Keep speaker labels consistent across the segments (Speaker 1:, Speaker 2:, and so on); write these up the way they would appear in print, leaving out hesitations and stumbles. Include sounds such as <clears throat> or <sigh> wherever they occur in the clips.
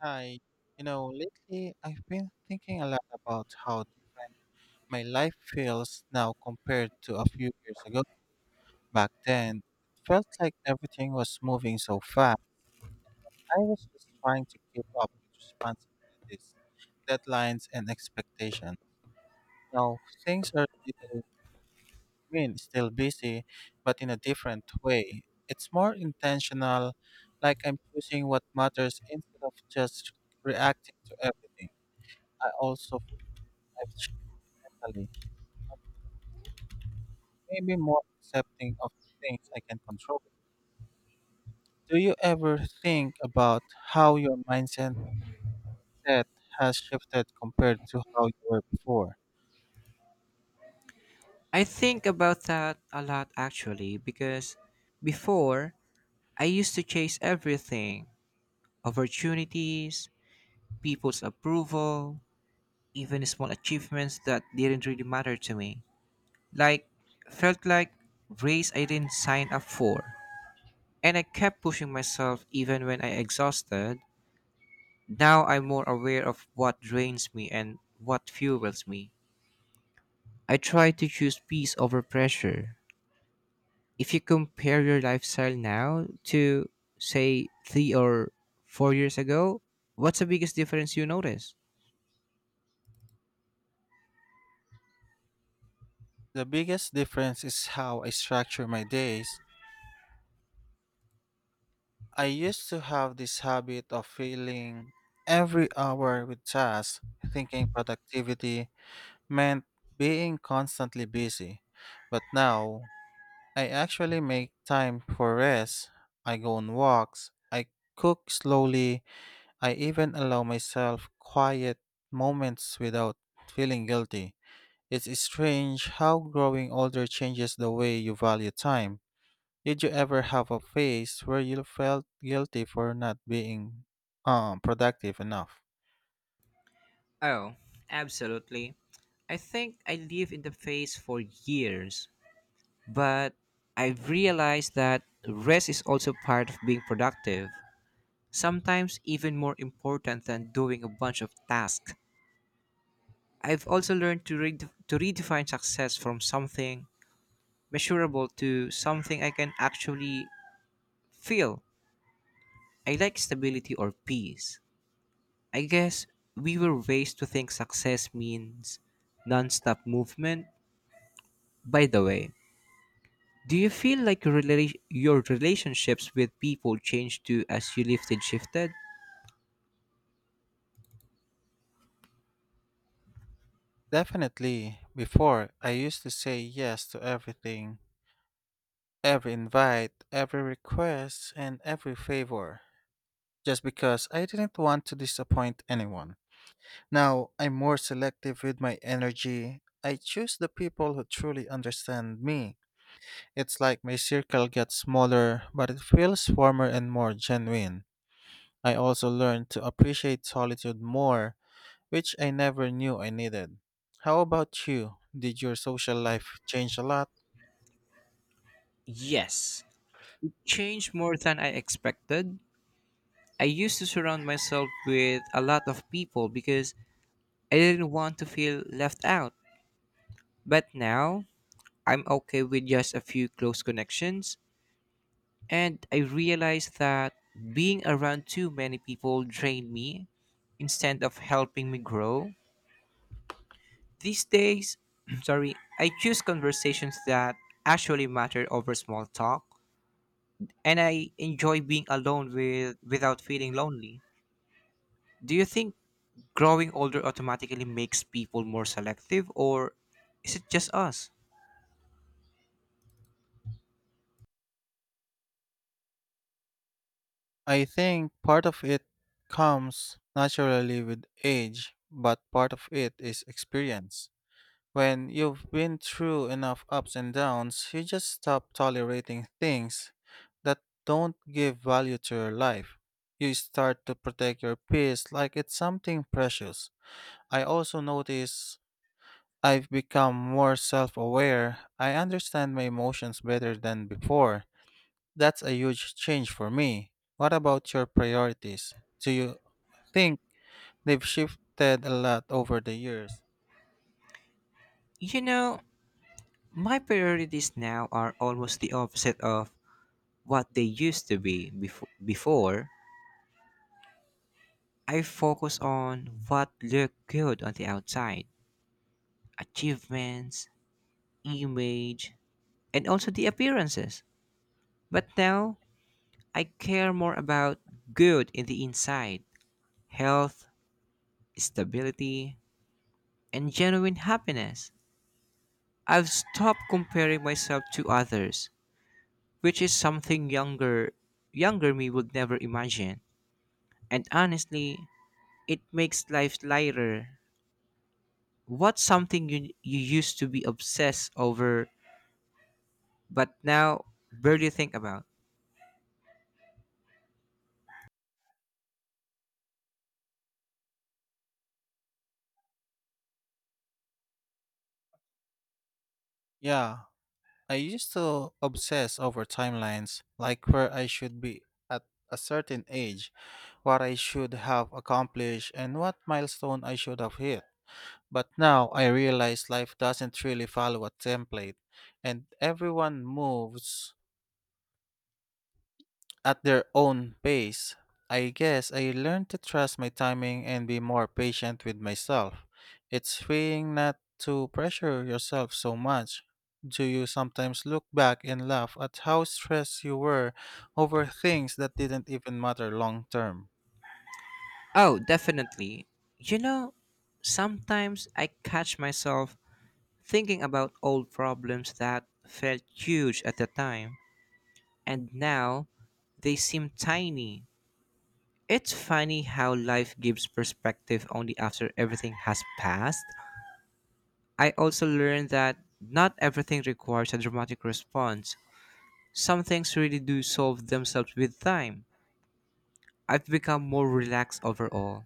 Speaker 1: Hi, lately I've been thinking a lot about how different my life feels now compared to a few years ago. Back then, it felt like everything was moving so fast. I was just trying to keep up with responsibilities, deadlines, and expectations. Now, things are little, still busy, but in a different way. It's more intentional, like I'm choosing what matters instead of just reacting to everything. I also life gently, maybe more accepting of things I can control. Do you ever think about how your mindset has shifted compared to how you were before?
Speaker 2: I think about that a lot actually because before I used to chase everything opportunities, people's approval, even small achievements that didn't really matter to me. Like, felt like race I didn't sign up for. And I kept pushing myself even when I exhausted. Now I'm more aware of what drains me and what fuels me. I try to choose peace over pressure if you compare your lifestyle now to say 3 or 4 years ago, what's the biggest difference you notice?
Speaker 1: The biggest difference is how I structure my days. I used to have this habit of filling every hour with tasks, thinking productivity meant being constantly busy. But now, I actually make time for rest. I go on walks. I cook slowly. I even allow myself quiet moments without feeling guilty. It's strange how growing older changes the way you value time. Did you ever have a phase where you felt guilty for not being productive enough?
Speaker 2: Oh, absolutely. I think I lived in the phase for years, but I've realized that rest is also part of being productive, sometimes even more important than doing a bunch of tasks. I've also learned to, to redefine success from something measurable to something I can actually feel I like stability or peace. I guess we were raised to think success means nonstop movement. By the way, do you feel like your relationships with people changed too as you lifted shifted?
Speaker 1: Definitely. Before, I used to say yes to everything, every invite, every request, and every favor, just because I didn't want to disappoint anyone. Now, I'm more selective with my energy. I choose the people who truly understand me. It's like my circle gets smaller, but it feels warmer and more genuine. I also learned to appreciate solitude more, which I never knew I needed. How about you? Did your social life change a lot?
Speaker 2: Yes. Changed more than I expected. I used to surround myself with a lot of people because I didn't want to feel left out. But now, I'm okay with just a few close connections. And I realized that being around too many people drained me instead of helping me grow. These days, <clears throat> sorry, I choose conversations that actually matter over small talk, and I enjoy being alone with without feeling lonely. Do you think growing older automatically makes people more selective or is it just us?
Speaker 1: I think part of it comes naturally with age, but part of it is experience. When you've been through enough ups and downs, you just stop tolerating things that don't give value to your life. You start to protect your peace like it's something precious. I also notice I've become more self aware. I understand my emotions better than before. That's a huge change for me. What about your priorities? Do you think they've shifted a lot over the years?
Speaker 2: You know, my priorities now are almost the opposite of what they used to be before I focus on what looked good on the outside, achievements, image, and also the appearances. But now I care more about good in the inside, health, stability, and genuine happiness. I've stopped comparing myself to others, which is something younger me would never imagine. And honestly, it makes life lighter. What's something you used to be obsessed over but now barely think about?
Speaker 1: Yeah, I used to obsess over timelines, like where I should be at a certain age, what I should have accomplished, and what milestone I should have hit. But now I realize life doesn't really follow a template, and everyone moves at their own pace. I guess I learned to trust my timing and be more patient with myself. It's freeing not to pressure yourself so much. Do you sometimes look back and laugh at how stressed you were over things that didn't even matter long term?
Speaker 2: Oh, definitely. You know, sometimes I catch myself thinking about old problems that felt huge at the time, and now they seem tiny. It's funny how life gives perspective only after everything has passed. I also learned that not everything requires a dramatic response. Some things really do solve themselves with time. I've become more relaxed overall.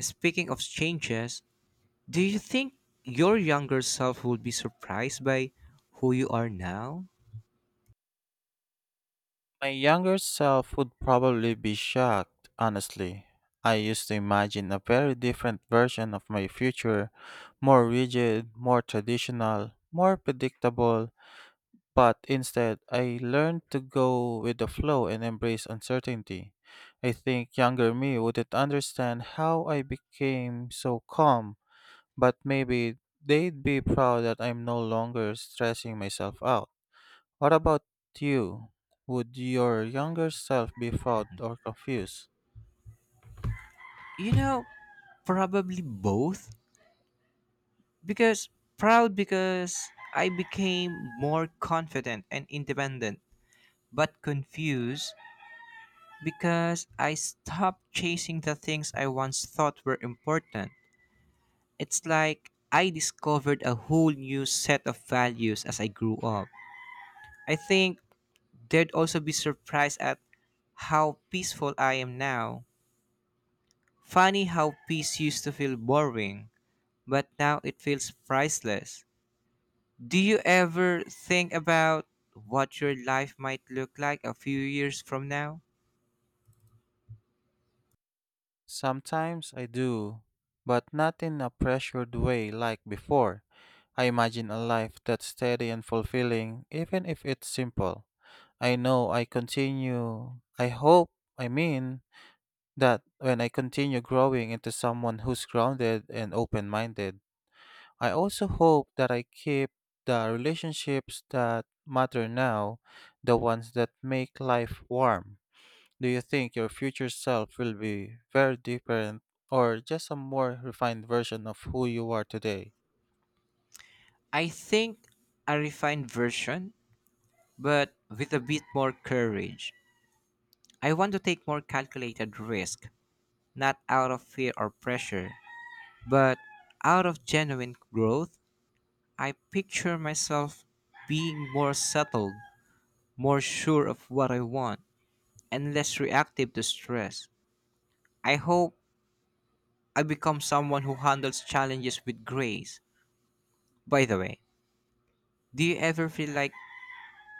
Speaker 2: Speaking of changes, do you think your younger self would be surprised by who you are now?
Speaker 1: My younger self would probably be shocked, honestly. I used to imagine a very different version of my future, more rigid, more traditional, more predictable. But instead, I learned to go with the flow and embrace uncertainty. I think younger me wouldn't understand how I became so calm, but maybe they'd be proud that I'm no longer stressing myself out. What about you? Would your younger self be proud or confused?
Speaker 2: You know, probably both. Because proud because I became more confident and independent, but confused because I stopped chasing the things I once thought were important. It's like I discovered a whole new set of values as I grew up. I think they'd also be surprised at how peaceful I am now. Funny how peace used to feel boring, but now it feels priceless. Do you ever think about what your life might look like a few years from now?
Speaker 1: Sometimes I do, but not in a pressured way like before. I imagine a life that's steady and fulfilling, even if it's simple. I hope, I mean, that when I continue growing into someone who's grounded and open minded, I also hope that I keep the relationships that matter now, the ones that make life warm. Do you think your future self will be very different or just a more refined version of who you are today?
Speaker 2: I think a refined version, but with a bit more courage. I want to take more calculated risk, not out of fear or pressure, but out of genuine growth I picture myself being more settled, more sure of what I want, and less reactive to stress. I hope I become someone who handles challenges with grace. By the way, do you ever feel like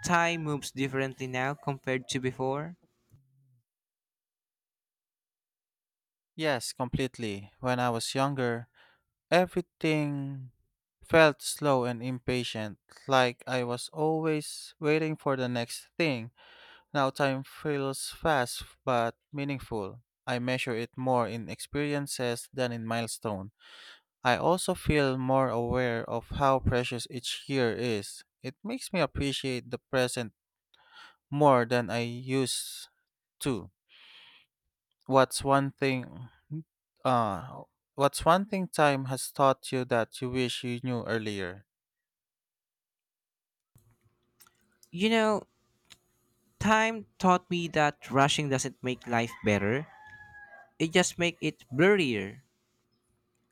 Speaker 2: time moves differently now compared to before?
Speaker 1: Yes, completely. When I was younger, everything felt slow and impatient, like I was always waiting for the next thing. Now time feels fast but meaningful. I measure it more in experiences than in milestone. I also feel more aware of how precious each year is. It makes me appreciate the present more than I used to. What's one thing uh what's one thing time has taught you that you wish you knew earlier?
Speaker 2: You know, time taught me that rushing doesn't make life better, it just makes it blurrier.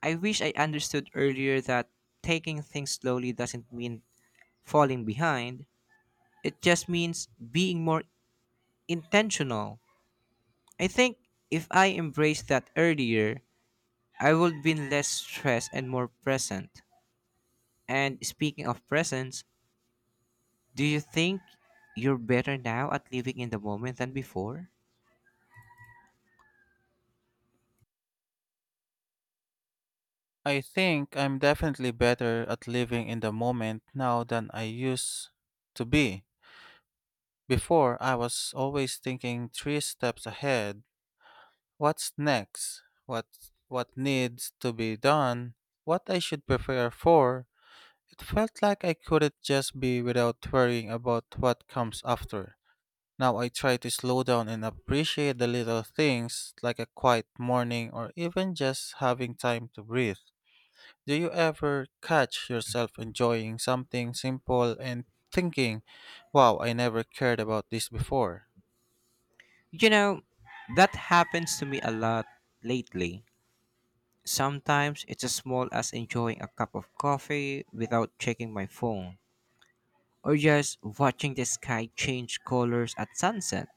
Speaker 2: I wish I understood earlier that taking things slowly doesn't mean falling behind It just means being more intentional. I think if I embraced that earlier, I would be less stressed and more present. And speaking of presence, do you think you're better now at living in the moment than before?
Speaker 1: I think I'm definitely better at living in the moment now than I used to be. Before, I was always thinking three steps ahead. What's next? What needs to be done? What I should prepare for? It felt like I couldn't just be without worrying about what comes after. Now I try to slow down and appreciate the little things like a quiet morning or even just having time to breathe. Do you ever catch yourself enjoying something simple and thinking, wow, I never cared about this before?
Speaker 2: You know, that happens to me a lot lately. Sometimes it's as small as enjoying a cup of coffee without checking my phone, or just watching the sky change colors at sunset.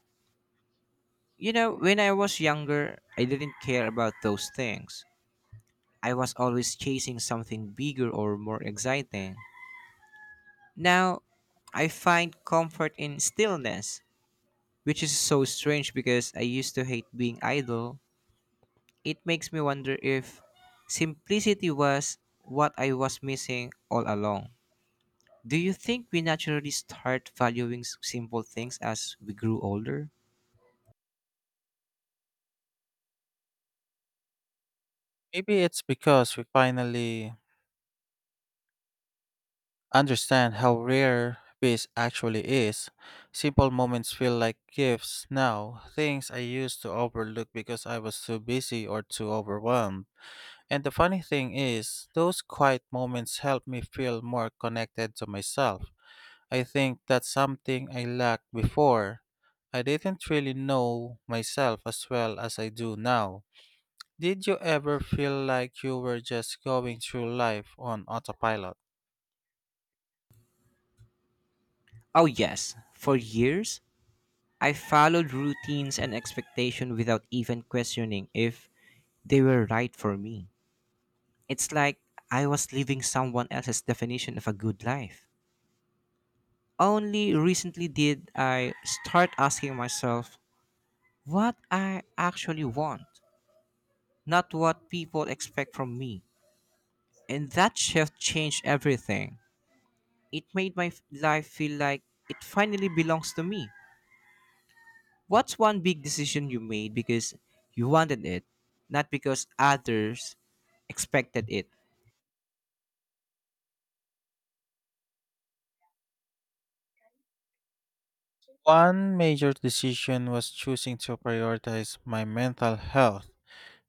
Speaker 2: You know, when I was younger, I didn't care about those things. I was always chasing something bigger or more exciting. Now, I find comfort in stillness, which is so strange because I used to hate being idle. It makes me wonder if simplicity was what I was missing all along. Do you think we naturally start valuing simple things as we grew older?
Speaker 1: Maybe it's because we finally understand how rare peace actually is. Simple moments feel like gifts now, things I used to overlook because I was too busy or too overwhelmed. And the funny thing is, those quiet moments help me feel more connected to myself. I think that's something I lacked before. I didn't really know myself as well as I do now. Did you ever feel like you were just going through life on autopilot?
Speaker 2: Oh, yes. For years, I followed routines and expectation without even questioning if they were right for me. It's like I was living someone else's definition of a good life. Only recently did I start asking myself what I actually want, not what people expect from me. And that shift changed everything. It made my life feel like it finally belongs to me. What's one big decision you made because you wanted it, not because others expected it?
Speaker 1: One major decision was choosing to prioritize my mental health,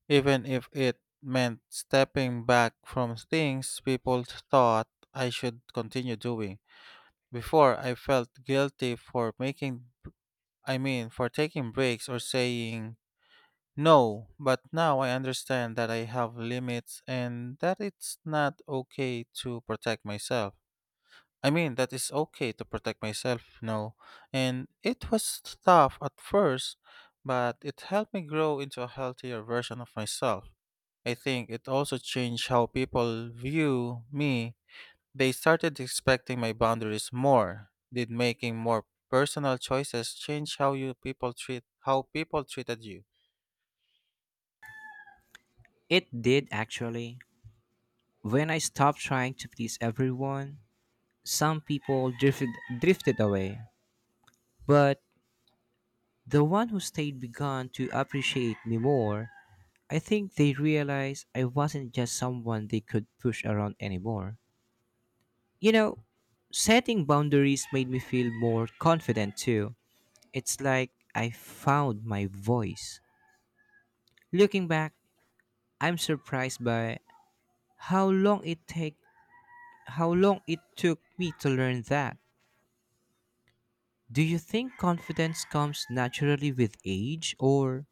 Speaker 1: even if it meant stepping back from things people thought I should continue doing. Before, I felt guilty for making, for taking breaks or saying no, but now I understand that I have limits and that it's not okay to protect myself. I mean, that it's okay to protect myself, no. And it was tough at first, but it helped me grow into a healthier version of myself. I think it also changed how people view me. They started expecting my boundaries more. Did making more personal choices change how you people treat how people treated you?
Speaker 2: It did actually. When I stopped trying to please everyone, some people drifted away. But the one who stayed began to appreciate me more. I think they realized I wasn't just someone they could push around anymore. You know, setting boundaries made me feel more confident too. It's like I found my voice. Looking back, I'm surprised by how long it take how long it took me to learn that. Do you think confidence comes naturally with age or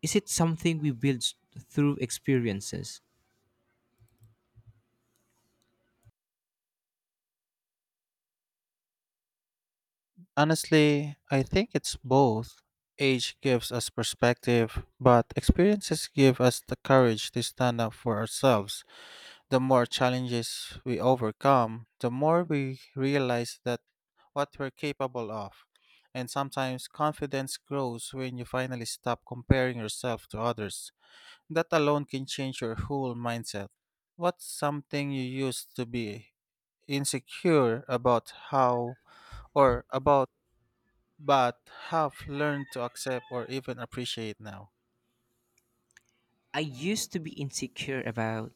Speaker 2: is it something we build through experiences?
Speaker 1: Honestly, I think it's both. Age gives us perspective, but experiences give us the courage to stand up for ourselves. The more challenges we overcome, the more we realize that what we're capable of. And sometimes confidence grows when you finally stop comparing yourself to others. That alone can change your whole mindset. What's something you used to be insecure about how or about but have learned to accept or even appreciate now?
Speaker 2: I used to be insecure about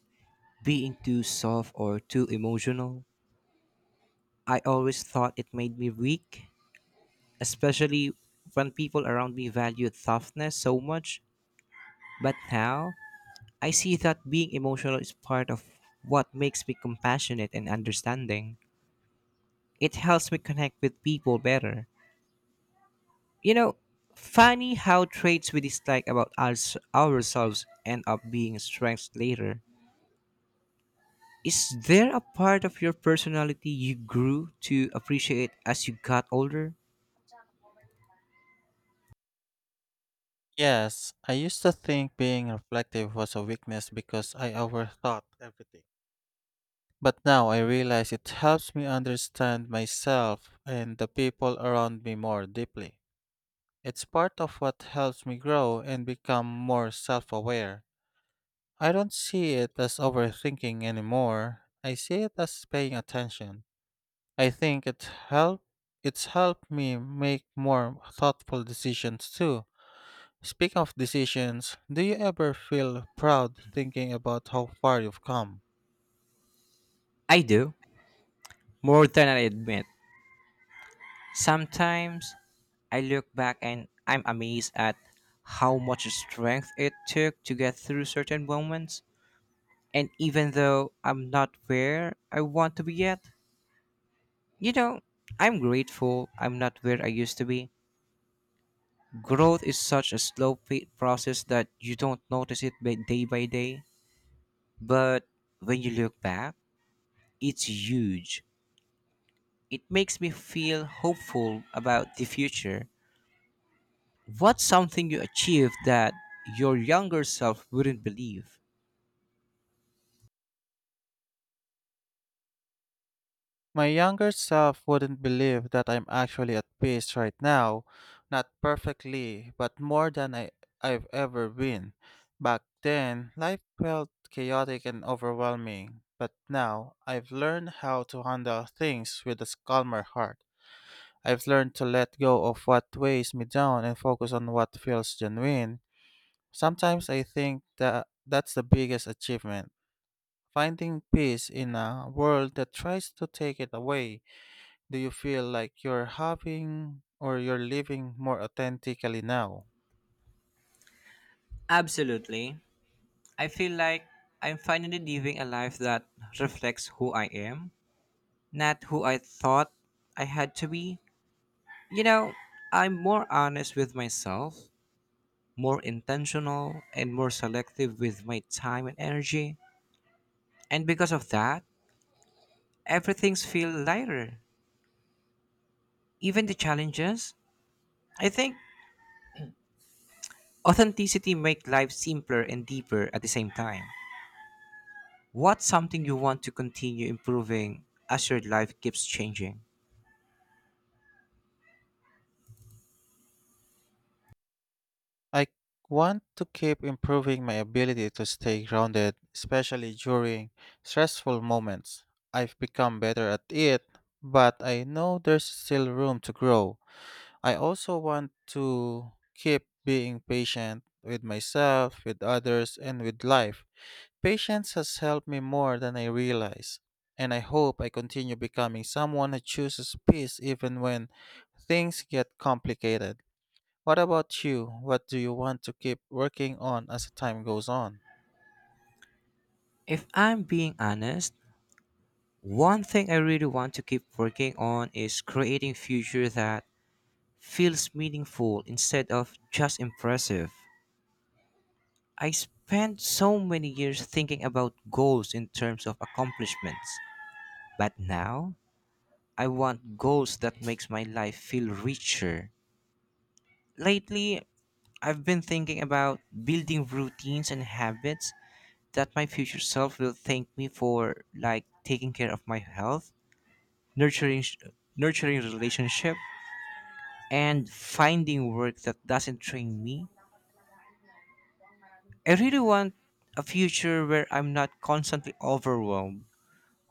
Speaker 2: being too soft or too emotional. I always thought it made me weak, especially when people around me valued softness so much. But now, I see that being emotional is part of what makes me compassionate and understanding. It helps me connect with people better. You know, funny how traits we dislike about us, ourselves end up being strengths later. Is there a part of your personality you grew to appreciate as you got older?
Speaker 1: Yes, I used to think being reflective was a weakness because I overthought everything. But now I realize it helps me understand myself and the people around me more deeply. It's part of what helps me grow and become more self aware. I don't see it as overthinking anymore, I see it as paying attention. I think it help it's helped me make more thoughtful decisions too. Speaking of decisions, do you ever feel proud thinking about how far you've come?
Speaker 2: I do, more than I admit. Sometimes I look back and I'm amazed at how much strength it took to get through certain moments. And even though I'm not where I want to be yet, you know, I'm grateful I'm not where I used to be. Growth is such a slow process that you don't notice it by day by day. But when you look back, it's huge. It makes me feel hopeful about the future. What's something you achieved that your younger self wouldn't believe?
Speaker 1: My younger self wouldn't believe that I'm actually at peace right now, not perfectly, but more than I've ever been. Back then, life felt chaotic and overwhelming, but now I've learned how to handle things with a calmer heart. I've learned to let go of what weighs me down and focus on what feels genuine. Sometimes I think that that's the biggest achievement. Finding peace in a world that tries to take it away. Do you feel like you're having or you're living more authentically now?
Speaker 2: Absolutely. I feel like I'm finally living a life that reflects who I am not who I thought I had to be. You know, I'm more honest with myself, more intentional, and more selective with my time and energy. And because of that, everything's feel lighter. Even the challenges. I think authenticity makes life simpler and deeper at the same time. What's something you want to continue improving as your life keeps changing?
Speaker 1: I want to keep improving my ability to stay grounded, especially during stressful moments. I've become better at it, but I know there's still room to grow. I also want to keep being patient with myself, with others, and with life. Patience has helped me more than I realize, and I hope I continue becoming someone who chooses peace even when things get complicated. What about you? What do you want to keep working on as time goes on?
Speaker 2: If I'm being honest, one thing I really want to keep working on is creating future that feels meaningful instead of just impressive. I spent so many years thinking about goals in terms of accomplishments, but now I want goals that makes my life feel richer. Lately, I've been thinking about building routines and habits that my future self will thank me for like taking care of my health, nurturing nurturing relationship and finding work that doesn't train me I really want a future where I'm not constantly overwhelmed,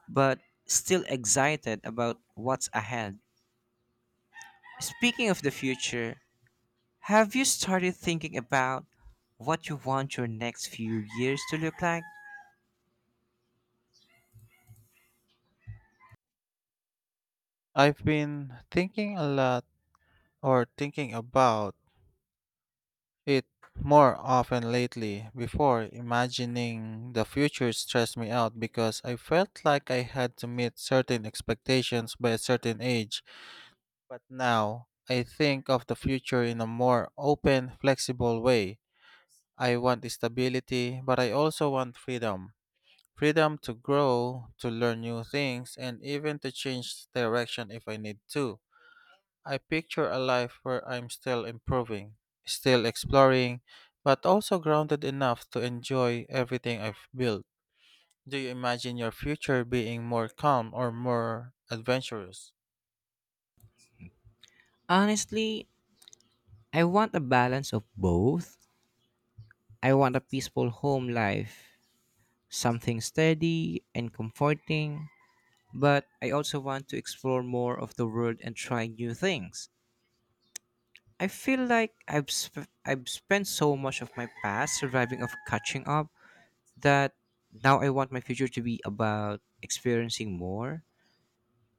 Speaker 2: but still excited about what's ahead. Speaking of the future, have you started thinking about what you want your next few years to look like?
Speaker 1: I've been thinking a lot or thinking about it more often lately. Before, imagining the future stressed me out because I felt like I had to meet certain expectations by a certain age. But now, I think of the future in a more open, flexible way. I want stability, but I also want freedom. Freedom to grow, to learn new things, and even to change direction if I need to. I picture a life where I'm still improving, still exploring, but also grounded enough to enjoy everything I've built. Do you imagine your future being more calm or more adventurous?
Speaker 2: Honestly, I want a balance of both. I want a peaceful home life, something steady and comforting, but I also want to explore more of the world and try new things. I feel like I've spent so much of my past surviving of catching up that now I want my future to be about experiencing more.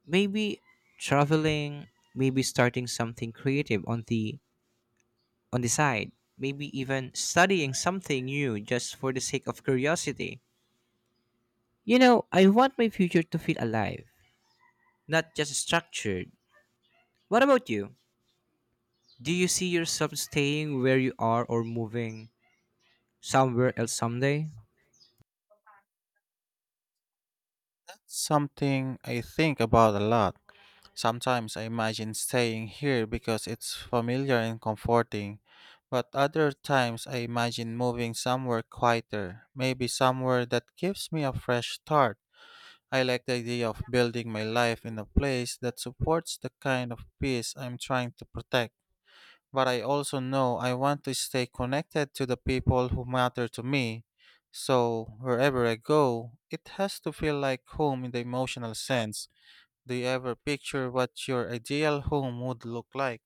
Speaker 2: Maybe traveling, maybe starting something creative on the side, maybe even studying something new just for the sake of curiosity. You know, I want my future to feel alive, not just structured. What about you? Do you see yourself staying where you are or moving somewhere else someday?
Speaker 1: That's something I think about a lot. Sometimes I imagine staying here because it's familiar and comforting, but other times I imagine moving somewhere quieter, maybe somewhere that gives me a fresh start. I like the idea of building my life in a place that supports the kind of peace I'm trying to protect. But I also know I want to stay connected to the people who matter to me. So, wherever I go, it has to feel like home in the emotional sense. Do you ever picture what your ideal home would look like?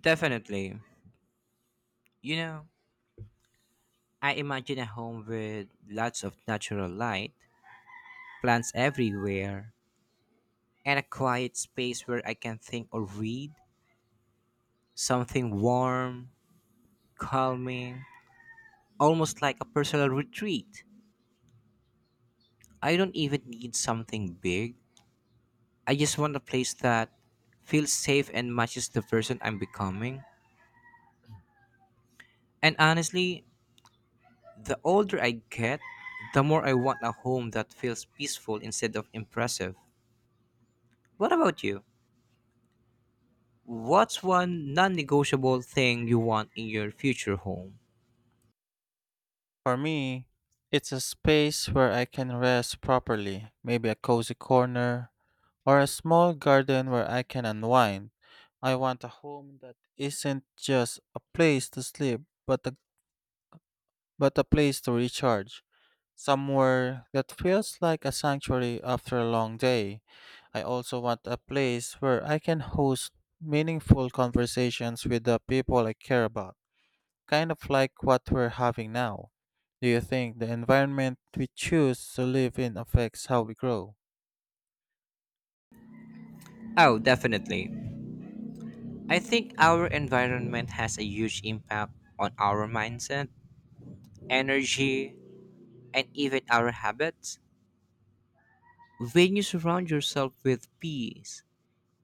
Speaker 2: Definitely. You know, I imagine a home with lots of natural light, plants everywhere, and a quiet space where I can think or read. Something warm, calming, almost like a personal retreat. I don't even need something big. I just want a place that feels safe and matches the person I'm becoming. And honestly, the older I get, the more I want a home that feels peaceful instead of impressive. What about you? What's one non negotiable thing you want in your future home?
Speaker 1: For me, it's a space where I can rest properly, maybe a cozy corner or a small garden where I can unwind. I want a home that isn't just a place to sleep, but a place to recharge. Somewhere that feels like a sanctuary after a long day. I also want a place where I can host meaningful conversations with the people I care about, kind of like what we're having now. Do you think the environment we choose to live in affects how we grow?
Speaker 2: Oh, definitely. I think our environment has a huge impact on our mindset, energy, and even our habits. When you surround yourself with peace,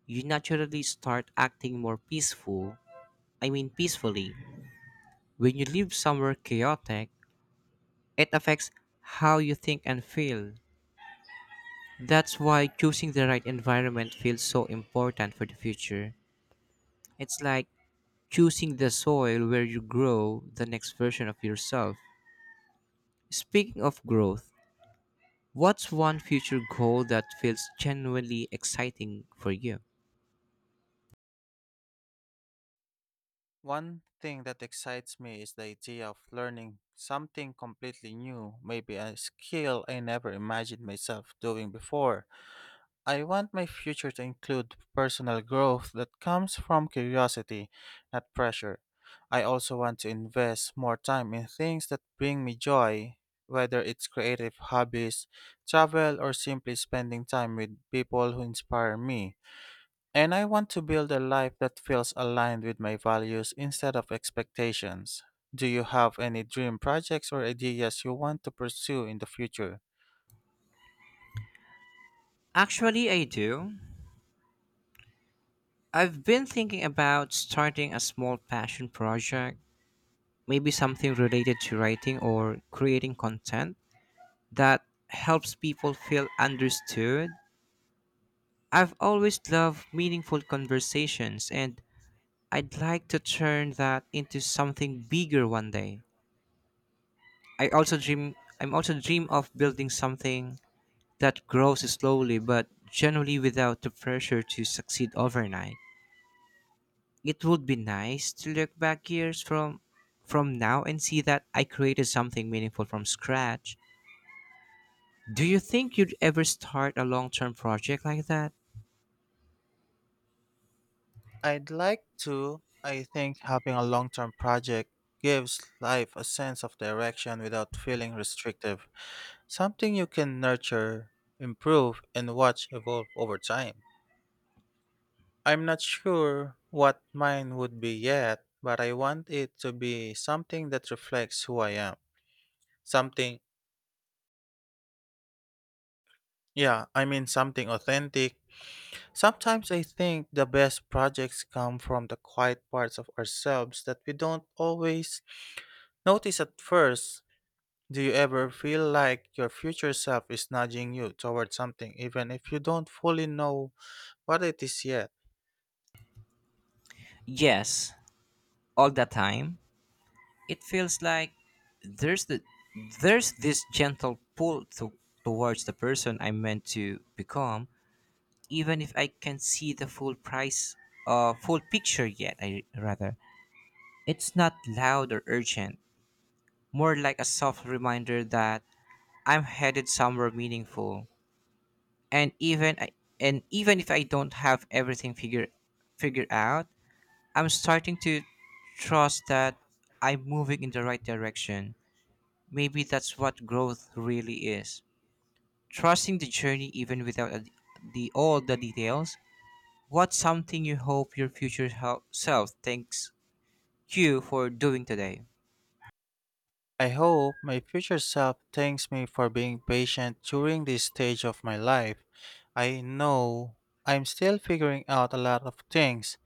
Speaker 2: you naturally start acting more peaceful. I mean, peacefully. When you live somewhere chaotic, it affects how you think and feel. That's why choosing the right environment feels so important for the future. It's like choosing the soil where you grow the next version of yourself. Speaking of growth, what's one future goal that feels genuinely exciting for you?
Speaker 1: One thing that excites me is the idea of learning something completely new, maybe a skill I never imagined myself doing before. I want my future to include personal growth that comes from curiosity, not pressure. I also want to invest more time in things that bring me joy, whether it's creative hobbies, travel, or simply spending time with people who inspire me. And I want to build a life that feels aligned with my values instead of expectations. Do you have any dream projects or ideas you want to pursue in the future?
Speaker 2: Actually, I do. I've been thinking about starting a small passion project, maybe something related to writing or creating content that helps people feel understood. I've always loved meaningful conversations, and I'd like to turn that into something bigger one day. I'm also dream of building something that grows slowly but generally without the pressure to succeed overnight. It would be nice to look back years from now and see that I created something meaningful from scratch. Do you think you'd ever start a long-term project like that?
Speaker 1: I'd like to. I think having a long term project gives life a sense of direction without feeling restrictive, something you can nurture, improve, and watch evolve over time. I'm not sure what mine would be yet, but I want it to be something that reflects who I am, something something authentic. Sometimes I think the best projects come from the quiet parts of ourselves that we don't always notice at first. Do you ever feel like your future self is nudging you towards something even if you don't fully know what it is yet?
Speaker 2: Yes, all the time. It feels like there's the there's this gentle pull towards the person I meant to become even if I can see the full price, full picture yet, I rather. It's not loud or urgent, more like a soft reminder that I'm headed somewhere meaningful. And even I, and even if I don't have everything figured out, I'm starting to trust that I'm moving in the right direction. Maybe that's what growth really is. Trusting the journey even without the all the details What's something you hope your future self thanks you for doing today?
Speaker 1: I hope my future self thanks me for being patient during this stage of my life. I know I'm still figuring out a lot of things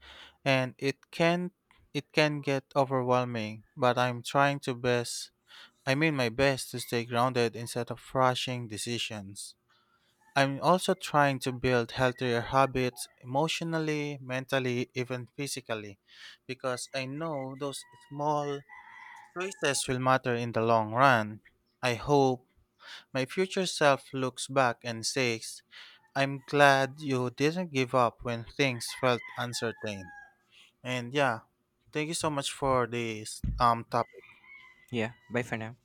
Speaker 1: and it can get overwhelming, but I'm trying to best I mean my best to stay grounded instead of rushing decisions. I'm also trying to build healthier habits emotionally, mentally, even physically because I know those small choices will matter in the long run. I hope my future self looks back and says, I'm glad you didn't give up when things felt uncertain. And yeah, thank you so much for this topic.
Speaker 2: Yeah, bye for now.